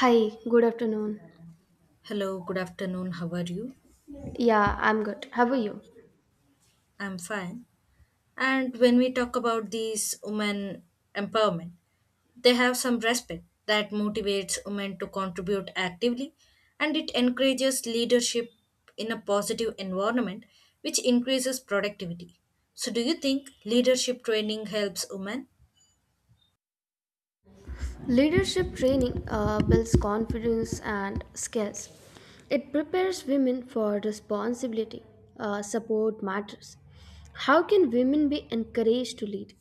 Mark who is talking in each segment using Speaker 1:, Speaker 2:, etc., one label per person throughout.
Speaker 1: Hi, good afternoon.
Speaker 2: Hello, good afternoon. How are you?
Speaker 1: Yeah, I'm good. How are you?
Speaker 2: I'm fine. And when we talk about these women empowerment, they have some respect that motivates women to contribute actively and it encourages leadership in a positive environment which increases productivity. So do you think leadership training helps women?
Speaker 1: Leadership training builds confidence and skills. It prepares women for responsibility, support matters. How can women be encouraged to lead?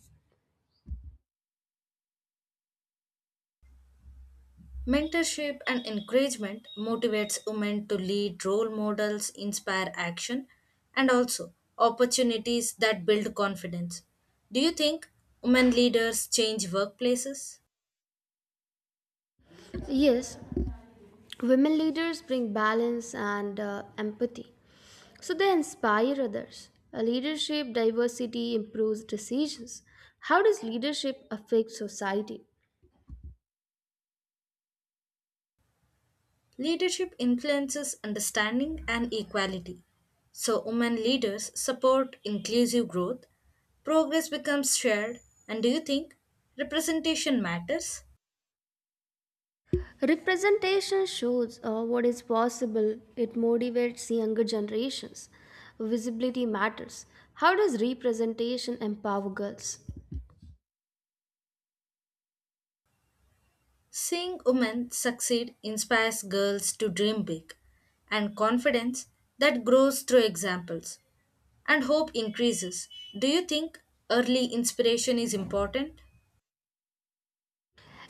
Speaker 2: Mentorship and encouragement motivates women to lead role models, inspire action, and also opportunities that build confidence. Do you think women leaders change workplaces?
Speaker 1: Yes, women leaders bring balance and empathy. So they inspire others. A leadership diversity improves decisions. How does leadership affect society?
Speaker 2: Leadership influences understanding and equality. So, women leaders support inclusive growth, progress becomes shared, and do you think representation matters?
Speaker 1: Representation shows what is possible, it motivates younger generations. Visibility matters. How does representation empower girls?
Speaker 2: Seeing women succeed inspires girls to dream big, and confidence that grows through examples, and hope increases. Do you think early inspiration is important?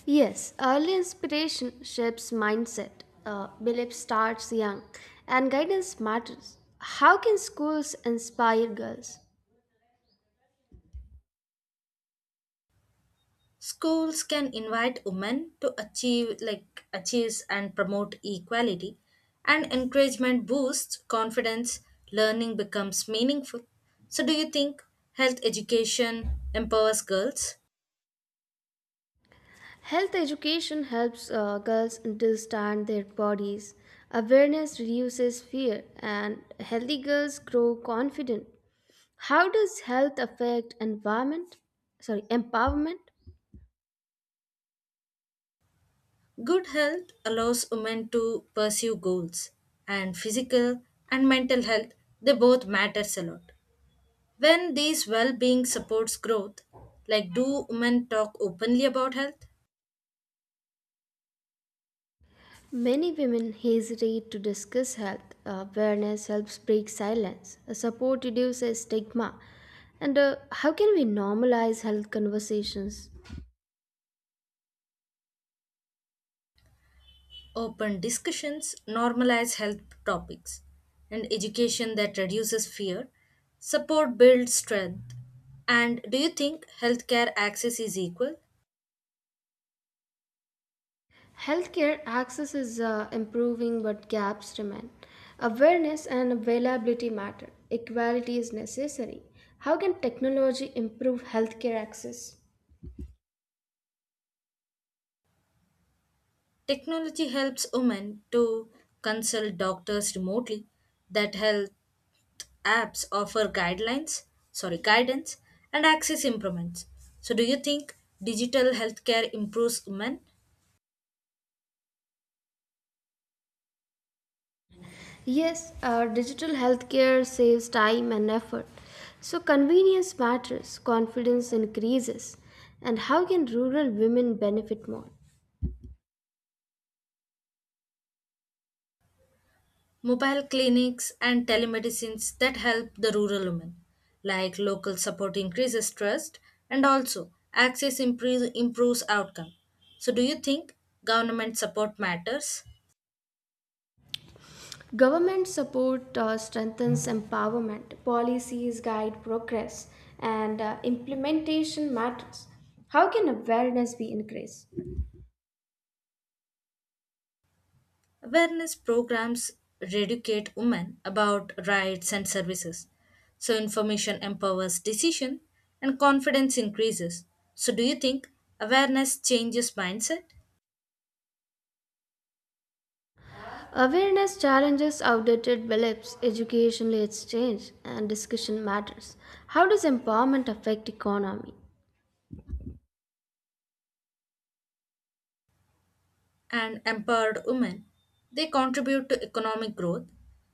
Speaker 1: Yes, early inspiration shapes mindset, belief starts young, and guidance matters. How can schools inspire girls?
Speaker 2: Schools can invite women to achieve like achieves and promote equality, and encouragement boosts confidence, learning becomes meaningful. So do you think health education empowers girls?
Speaker 1: Health education helps girls understand their bodies. Awareness reduces fear, and healthy girls grow confident. How does health affect environment? Sorry, empowerment.
Speaker 2: Good health allows women to pursue goals, and physical and mental health they both matters a lot. When these well-being supports growth, like do women talk openly about health?
Speaker 1: Many women hesitate to discuss health. Awareness helps break silence. Support reduces stigma. And how can we normalize health conversations?
Speaker 2: Open discussions normalize health topics, and education that reduces fear, support builds strength. And do you think healthcare access is equal?
Speaker 1: Healthcare access is improving, but gaps remain. Awareness and availability matter. Equality is necessary. How can technology improve healthcare access?
Speaker 2: Technology helps women to consult doctors remotely that helps apps offer guidelines, sorry, guidance and access improvements. So do you think digital healthcare improves women?
Speaker 1: Yes, digital healthcare saves time and effort. So, convenience matters, confidence increases. And how can rural women benefit more?
Speaker 2: Mobile clinics and telemedicines that help the rural women, like local support increases trust and also access improves outcome. So do you think government support matters?
Speaker 1: Government support strengthens empowerment, policies guide progress, and implementation matters. How can awareness be increased?
Speaker 2: Awareness programs educate women about rights and services. So information empowers decision and confidence increases. So do you think awareness changes mindset,
Speaker 1: Awareness challenges outdated beliefs, education leads change, and discussion matters. How does empowerment affect economy?
Speaker 2: and empowered women, they contribute to economic growth?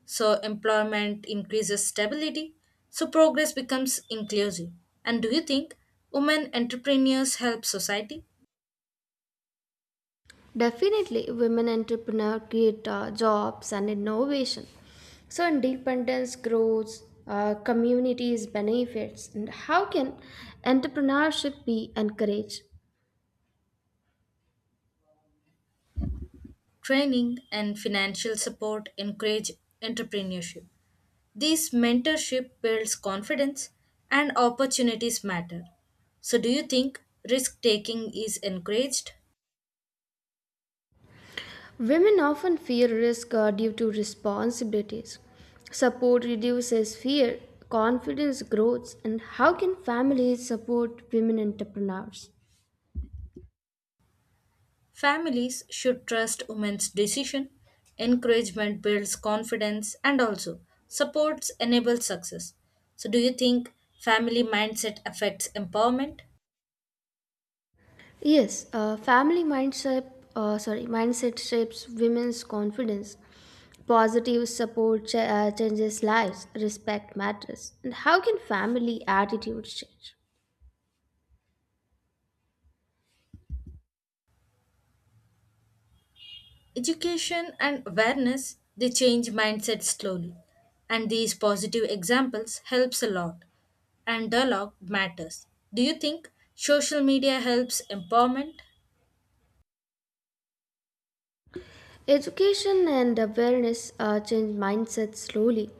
Speaker 2: So employment increases stability, so progress becomes inclusive. And do you think women entrepreneurs help society?
Speaker 1: Definitely, women entrepreneurs create jobs and innovation. So, independence grows, communities benefits. And how can entrepreneurship be encouraged?
Speaker 2: Training, and financial support encourage entrepreneurship. This mentorship builds confidence and opportunities matter. So, do you think risk taking is encouraged?
Speaker 1: Women often fear risk due to responsibilities. Support reduces fear, confidence grows. And how can families support women entrepreneurs?
Speaker 2: Families should trust women's decision. Encouragement builds confidence, and also supports enables success. So, do you think family mindset affects empowerment?
Speaker 1: Yes, mindset shapes women's confidence. Positive support changes lives. Respect matters. And how can family attitudes change?
Speaker 2: Education and awareness, they change mindset slowly, and these positive examples helps a lot, and dialogue matters. Do you think social media helps empowerment?
Speaker 1: Education and awareness change mindset slowly.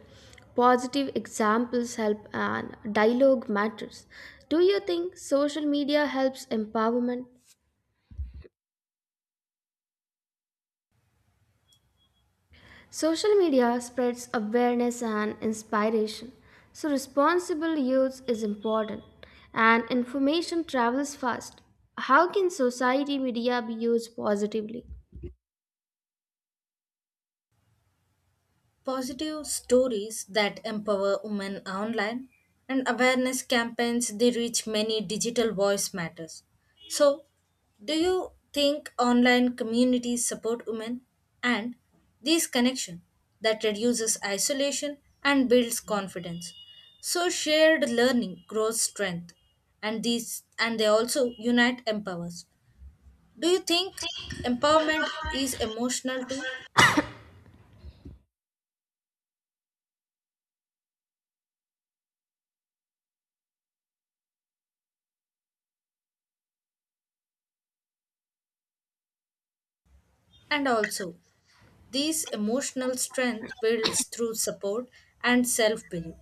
Speaker 1: Positive examples help, and dialogue matters. Do you think social media helps empowerment? Social media spreads awareness and inspiration, so responsible use is important and information travels fast. How can society media be used positively?
Speaker 2: Positive stories that empower women online, and awareness campaigns, they reach many, digital voice matters. So, do you think online communities support women, and these connection that reduces isolation and builds confidence? So shared learning grows strength, and these and they also unite empowers. Do you think empowerment is emotional too? And also, these emotional strength builds through support and self-belief.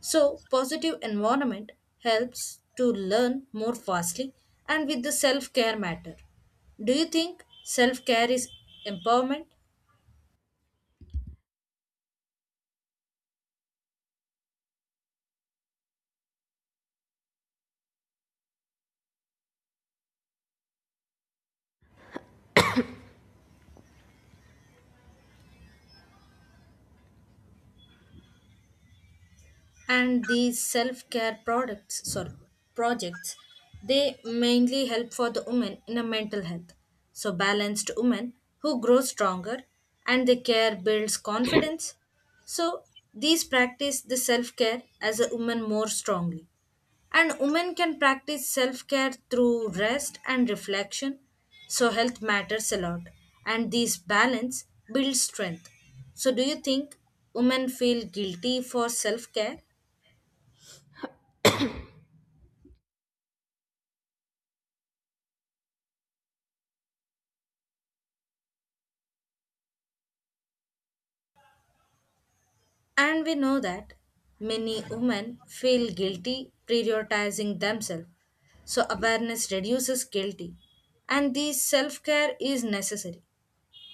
Speaker 2: So positive environment helps to learn more fastly, and with the self-care matter. Do you think self-care is empowerment, and these self-care products, sorry, projects, they mainly help for the women in a mental health, so balanced women who grow stronger, and the care builds confidence. So these practice the self-care as a woman more strongly, and women can practice self-care through rest and reflection. So health matters a lot, and this balance builds strength. So do you think women feel guilty for self-care? And we know that many women feel guilty prioritizing themselves. So awareness reduces guilty. And this self care is necessary.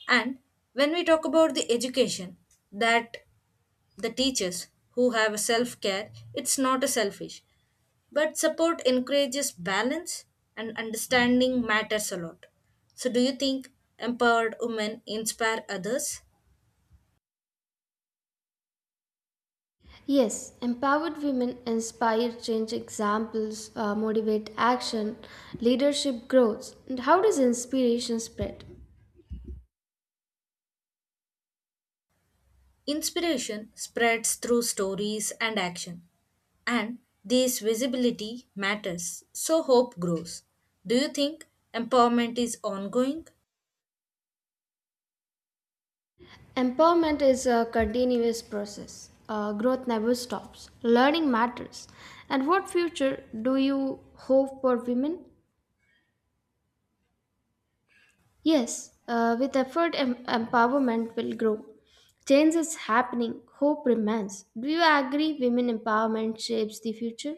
Speaker 2: And when we talk about the education, that the teachers who have self care, it's not a selfish. But support encourages balance, and understanding matters a lot. So do you think empowered women inspire others?
Speaker 1: Yes, empowered women inspire change examples, motivate action, leadership grows. And how does inspiration spread?
Speaker 2: Inspiration spreads through stories and action, and this visibility matters, so hope grows. Do you think empowerment is ongoing?
Speaker 1: Empowerment is a continuous process. Growth never stops. Learning matters. And what future do you hope for women? Yes, with effort, empowerment will grow. Change is happening. Hope remains. Do you agree women empowerment shapes the future?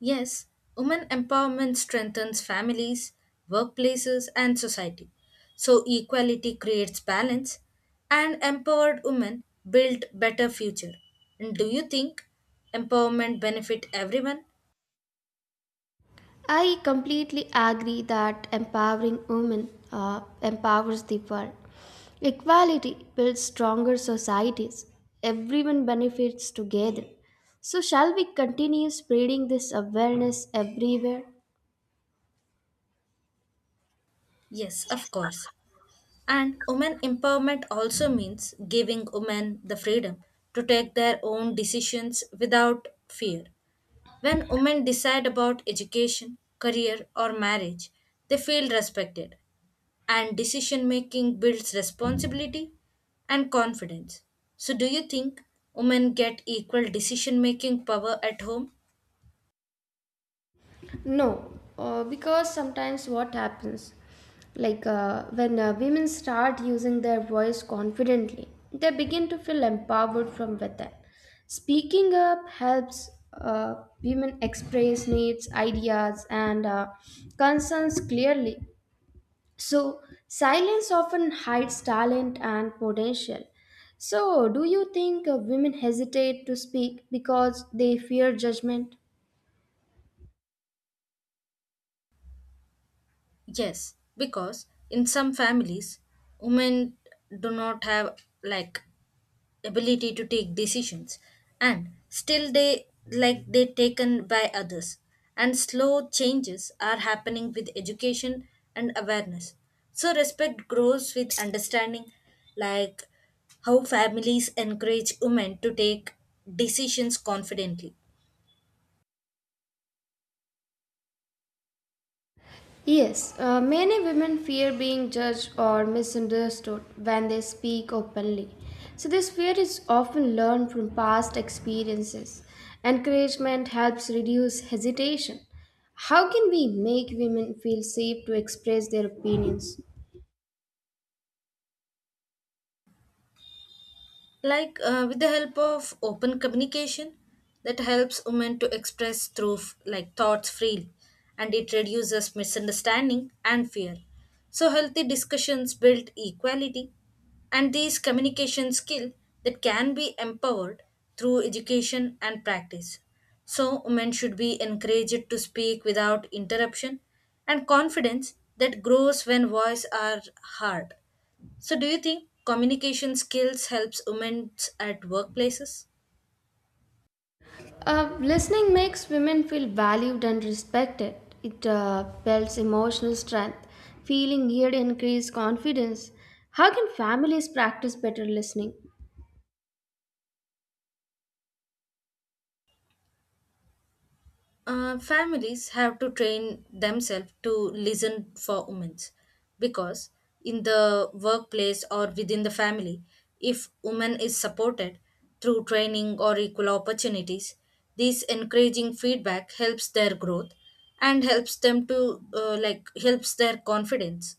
Speaker 2: Yes, women empowerment strengthens families, workplaces, and society. So, equality creates balance, and empowered women build better future. And do you think empowerment benefit everyone?
Speaker 1: I completely agree that empowering women empowers the world. Equality builds stronger societies. Everyone benefits together. So, shall we continue spreading this awareness everywhere?
Speaker 2: Yes, of course. And women empowerment also means giving women the freedom to take their own decisions without fear. When women decide about education, career, or marriage, they feel respected, and decision making builds responsibility and confidence. So, do you think women get equal decision making power at home?
Speaker 1: No, because sometimes what happens, like when women start using their voice confidently, they begin to feel empowered from within. Speaking up helps women express needs, ideas, and concerns clearly. So, silence often hides talent and potential. So, do you think women hesitate to speak because they fear judgment?
Speaker 2: Yes, because in some families, women do not have, like, ability to take decisions, and still they like they taken by others, and slow changes are happening with education and awareness. So respect grows with understanding. Like, how families encourage women to take decisions confidently?
Speaker 1: Yes, many women fear being judged or misunderstood when they speak openly. So, this fear is often learned from past experiences. Encouragement helps reduce hesitation. How can we make women feel safe to express their opinions?
Speaker 2: Like, with the help of open communication that helps women to express through thoughts freely, and it reduces misunderstanding and fear. So healthy discussions build equality, and these communication skill that can be empowered through education and practice. So, women should be encouraged to speak without interruption, and confidence that grows when voice are heard. So, do you think communication skills helps women at workplaces?
Speaker 1: Listening makes women feel valued and respected. It builds emotional strength. Feeling heard increases confidence. How can families practice better listening?
Speaker 2: Families have to train themselves to listen for women, because in the workplace or within the family, if women is supported through training or equal opportunities, this encouraging feedback helps their growth and helps them to, helps their confidence.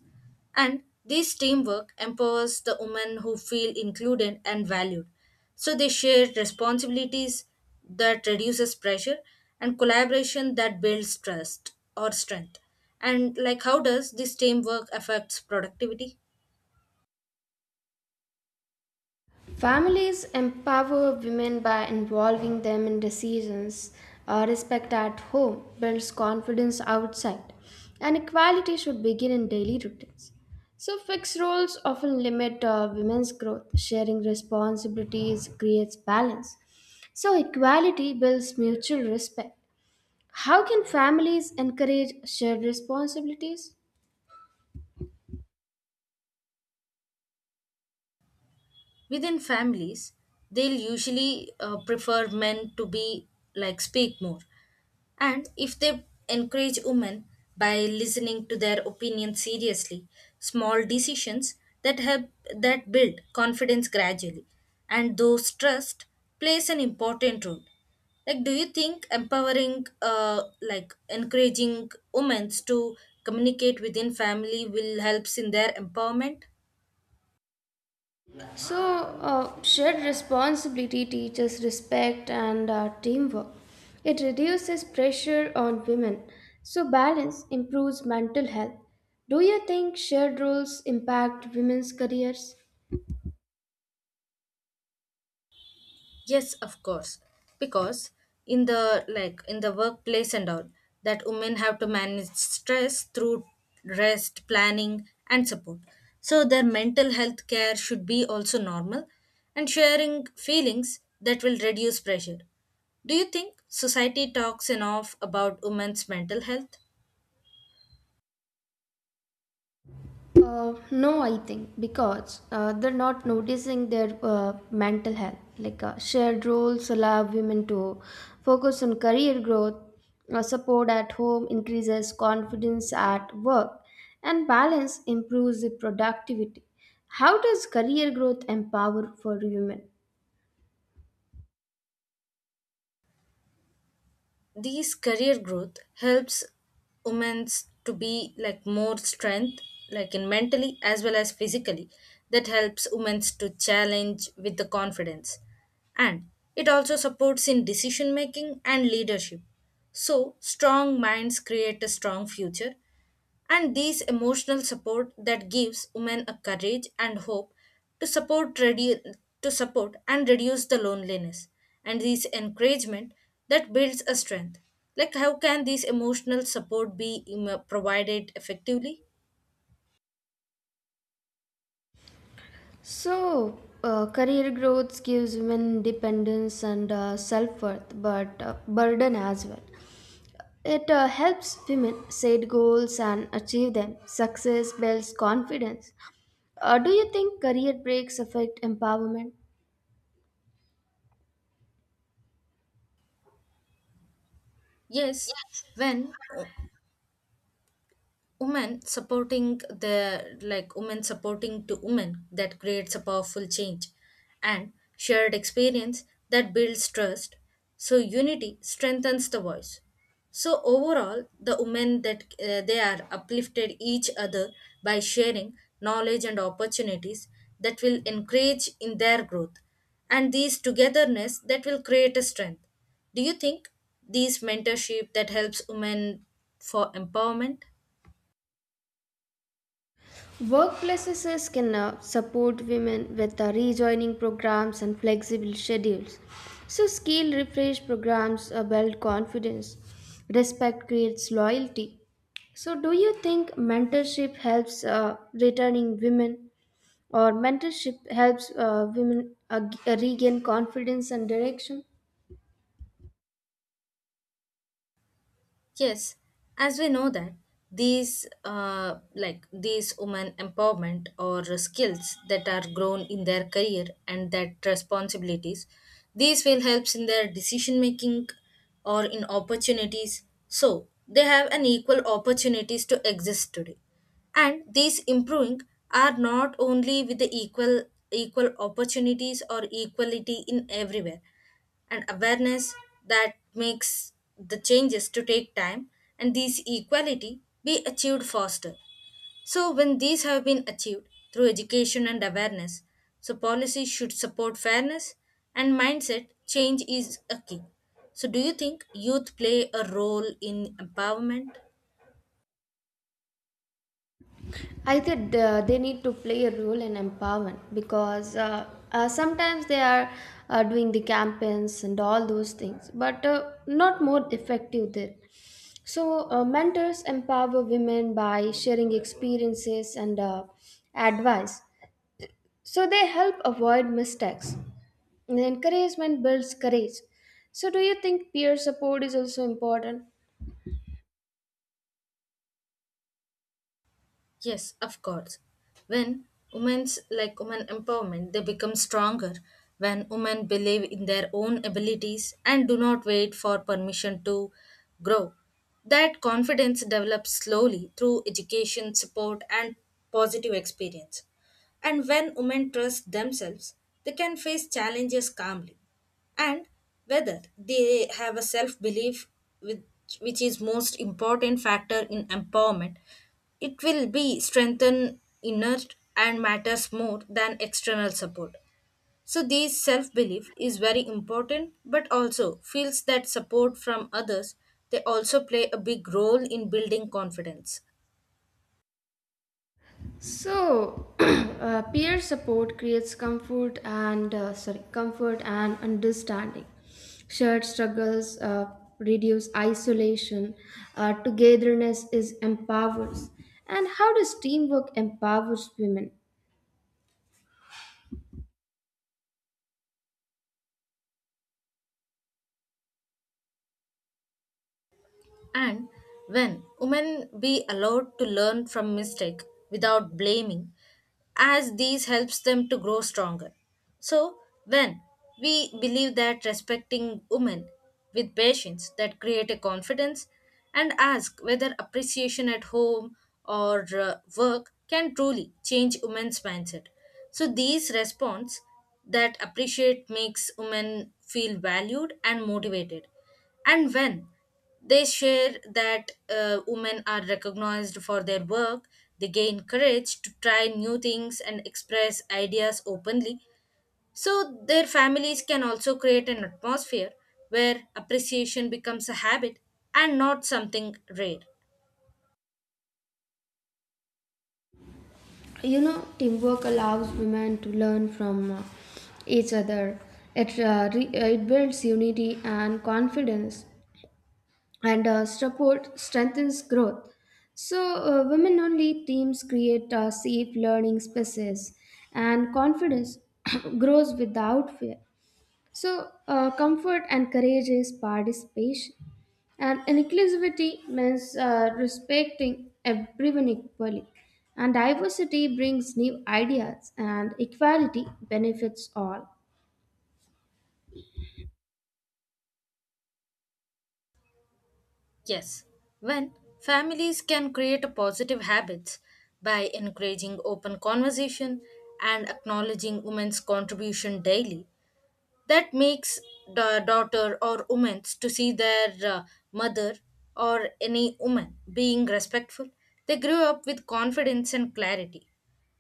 Speaker 2: And this teamwork empowers the women who feel included and valued, so they share responsibilities that reduces pressure, and collaboration that builds trust or strength. And like how does this teamwork affects productivity?
Speaker 1: Families empower women by involving them in decisions. Respect at home builds confidence outside, and equality should begin in daily routines. So, fixed roles often limit women's growth. Sharing responsibilities creates balance. So, equality builds mutual respect. How can families encourage shared responsibilities?
Speaker 2: Within families, they'll usually prefer men to be, like, speak more. And if they encourage women by listening to their opinion seriously, small decisions that help, that build confidence gradually. And those trust plays an important role. Like, do you think empowering, like, encouraging women to communicate within family will helps in their empowerment?
Speaker 1: So, shared responsibility teaches respect and teamwork. It reduces pressure on women. So, balance improves mental health. Do you think shared roles impact women's careers?
Speaker 2: Yes, of course. Because in the, like, in the workplace and all, that women have to manage stress through rest, planning and support. So their mental health care should be also normal, and sharing feelings that will reduce pressure. Do you think society talks enough about women's mental health?
Speaker 1: No, I think because they're not noticing their mental health. Like shared roles allow women to focus on career growth, support at home increases confidence at work, and balance improves the productivity. How does career growth empower for women?
Speaker 2: These career growth helps women to be, like, more strength, like in mentally as well as physically. That helps women to challenge with the confidence. And it also supports in decision making and leadership. So strong minds create a strong future, and these emotional support that gives women a courage and hope to support redu- to support and reduce the loneliness. And this encouragement that builds a strength. Like, how can this emotional support be provided effectively?
Speaker 1: So, career growth gives women independence and self worth, but burden as well. It helps women set goals and achieve them. Success builds confidence. Do you think career breaks affect empowerment?
Speaker 2: Yes, when women supporting the, like, women supporting to women, that creates a powerful change, and shared experience that builds trust, so unity strengthens the voice. So overall the women, that they are uplifted each other by sharing knowledge and opportunities that will encourage in their growth, and these togetherness that will create a strength. Do you think these mentorship that helps women for empowerment?
Speaker 1: Workplaces can support women with rejoining programs and flexible schedules. So, skill refresh programs build confidence. Respect creates loyalty. So, do you think mentorship helps returning women, or mentorship helps women regain confidence and direction?
Speaker 2: Yes, as we know that these, these women empowerment or skills that are grown in their career and that responsibilities, these will helps in their decision making or in opportunities. So they have an equal opportunities to exist today, and these improving are not only with the equal opportunities or equality in everywhere, and awareness that makes the changes to take time, and these equality be achieved faster. So when these have been achieved through education and awareness, so policy should support fairness, and mindset change is a key. So do you think youth play a role in empowerment?
Speaker 1: I think they need to play a role in empowerment because sometimes they are doing the campaigns and all those things, but not more effective there. So, mentors empower women by sharing experiences and advice. So, they help avoid mistakes. And encouragement builds courage. So, do you think peer support is also important?
Speaker 2: Yes, of course. When women's, like, women empowerment, they become stronger when women believe in their own abilities and do not wait for permission to grow. That confidence develops slowly through education, support, and positive experience. And when women trust themselves, they can face challenges calmly. And whether they have a self belief, which, which is most important factor in empowerment, it will be strengthened inner, and matters more than external support. So this self-belief is very important, but also feels that support from others, they also play a big role in building confidence.
Speaker 1: So, peer support creates comfort and understanding. Shared struggles reduce isolation. Togetherness is empowers. And how does teamwork empowers women?
Speaker 2: And when women be allowed to learn from mistake without blaming, as these helps them to grow stronger. So when we believe that respecting women with patience that create a confidence, and ask whether appreciation at home or work can truly change women's mindset. So these response that appreciate makes women feel valued and motivated. And when they share that, women are recognized for their work, they gain courage to try new things and express ideas openly. So, their families can also create an atmosphere where appreciation becomes a habit and not something rare.
Speaker 1: You know, teamwork allows women to learn from each other. It it builds unity and confidence. And support strengthens growth. So, women only teams create safe learning spaces, and confidence grows without fear. So, comfort encourages participation, and inclusivity means respecting everyone equally. And diversity brings new ideas, and equality benefits all.
Speaker 2: Yes, when families can create a positive habits by encouraging open conversation and acknowledging women's contribution daily, that makes the daughter or women to see their, mother or any woman being respectful, they grew up with confidence and clarity.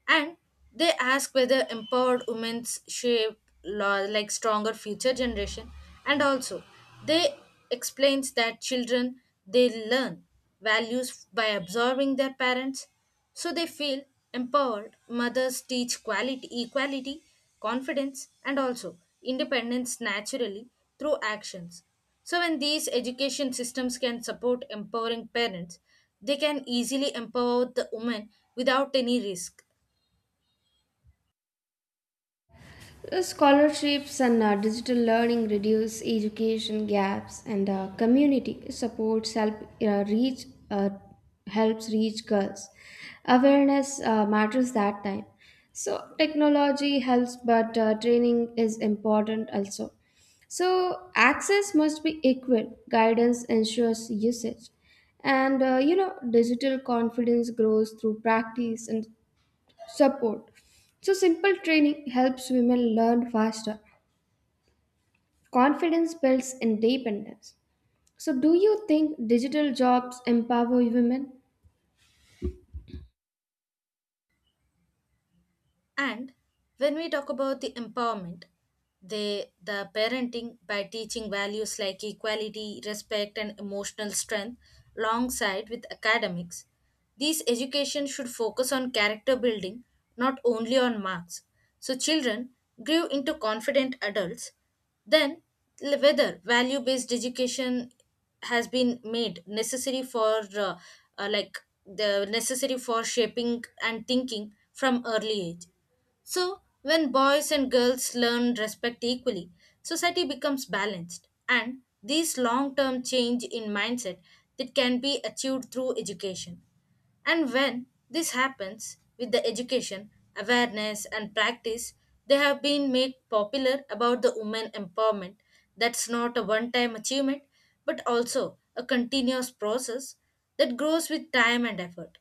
Speaker 2: And they ask whether empowered women shape law, like, stronger future generation. And also, they explains that children, they learn values by absorbing their parents, so they feel empowered mothers teach quality, equality, confidence, and also independence naturally through actions. So when these education systems can support empowering parents, they can easily empower the women without any risk.
Speaker 1: Scholarships and digital learning reduce education gaps, and community supports help reach helps reach girls. Awareness matters that time. So technology helps, but training is important also. So access must be equal. Guidance ensures usage, and you know digital confidence grows through practice and support. So, simple training helps women learn faster. Confidence builds independence. So, do you think digital jobs empower women?
Speaker 2: And when we talk about the empowerment, they the parenting by teaching values like equality, respect, and emotional strength alongside with academics. These education should focus on character building, not only on marks. So children grew into confident adults. Then, whether value-based education has been made necessary for, uh, like the necessary for shaping and thinking from early age. So, when boys and girls learn respect equally, society becomes balanced. And this long term change in mindset that can be achieved through education. And when this happens with the education, awareness, and practice, they have been made popular about the women empowerment. That's not a one time achievement, but also a continuous process that grows with time and effort.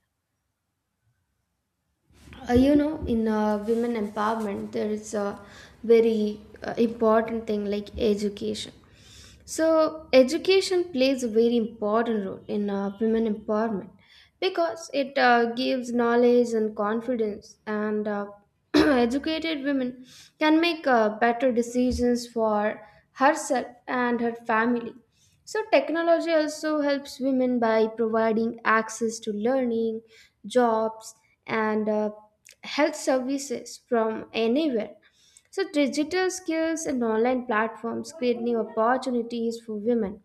Speaker 1: You know in women empowerment there is a very important thing like education, so education plays a very important role in women empowerment because it gives knowledge and confidence and educated women can make better decisions for herself and her family. So, technology also helps women by providing access to learning, jobs, and health services from anywhere. So, digital skills and online platforms create new opportunities for women,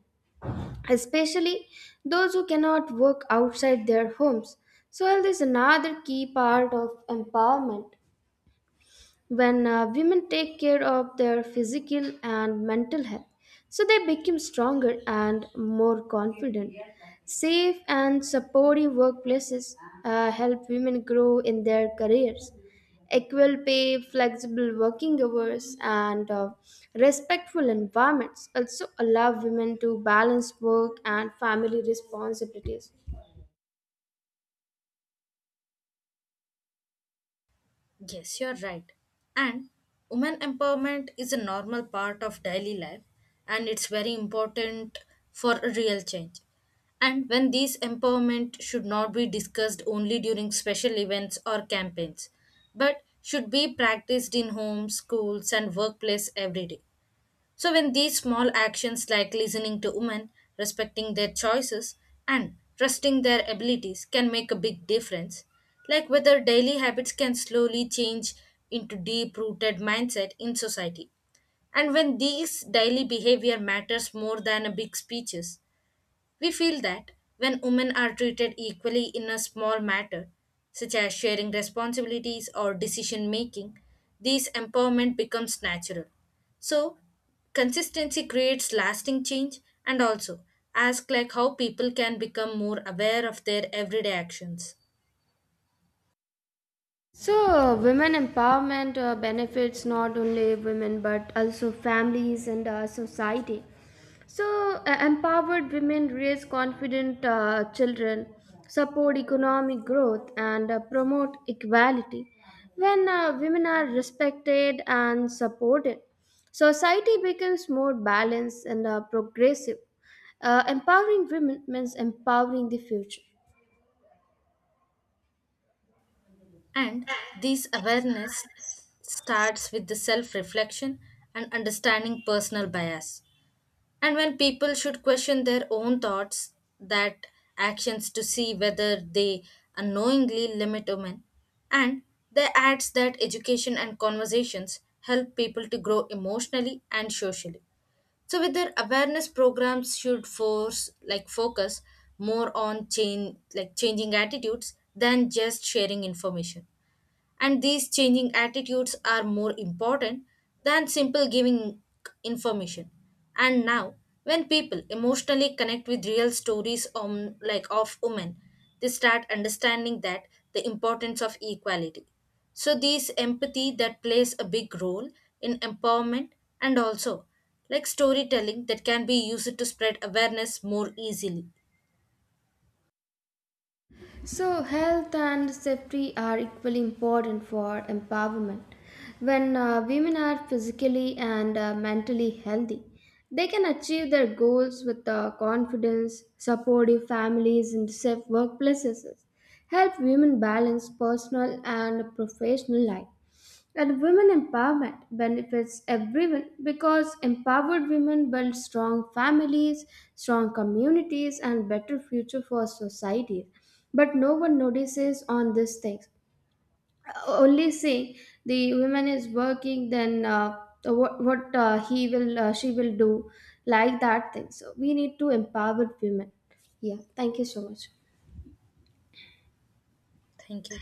Speaker 1: especially those who cannot work outside their homes. So, health is another key part of empowerment. When women take care of their physical and mental health, so they become stronger and more confident. Safe and supportive workplaces help women grow in their careers. Equal pay, flexible working hours, and respectful environments also allow women to balance work and family responsibilities.
Speaker 2: Yes, you're right. And women empowerment is a normal part of daily life, and it's very important for a real change. And when these empowerment should not be discussed only during special events or campaigns, but should be practiced in homes, schools, and workplace every day. So, when these small actions like listening to women, respecting their choices, and trusting their abilities can make a big difference, like whether daily habits can slowly change into deep rooted mindset in society. And when these daily behavior matters more than a big speeches, we feel that when women are treated equally in a small matter, such as sharing responsibilities or decision making, this empowerment becomes natural. So, consistency creates lasting change, and also ask like how people can become more aware of their everyday actions.
Speaker 1: So, women empowerment benefits not only women but also families and society. So, empowered women raise confident children, support economic growth, and promote equality. When women are respected and supported, society becomes more balanced and progressive. Empowering women means empowering the future.
Speaker 2: And this awareness starts with the self reflection and understanding personal bias. And when people should question their own thoughts, that actions to see whether they unknowingly limit women. And they adds that education and conversations help people to grow emotionally and socially. So with their awareness programs should force, like, focus more on change, like, changing attitudes than just sharing information. And these changing attitudes are more important than simple giving information. And now, when people emotionally connect with real stories on, like, of women, they start understanding that the importance of equality. So these empathy that plays a big role in empowerment, and also, like, storytelling that can be used to spread awareness more easily.
Speaker 1: So, health and safety are equally important for empowerment. When women are physically and mentally healthy, they can achieve their goals with confidence, supportive families, and safe workplaces. Help women balance personal and professional life. And women empowerment benefits everyone because empowered women build strong families, strong communities, and better future for society. But no one notices on these things. Only say the woman is working, then what he will she will do like that thing. So we need to empower women. Yeah, thank you so much.
Speaker 2: Thank you.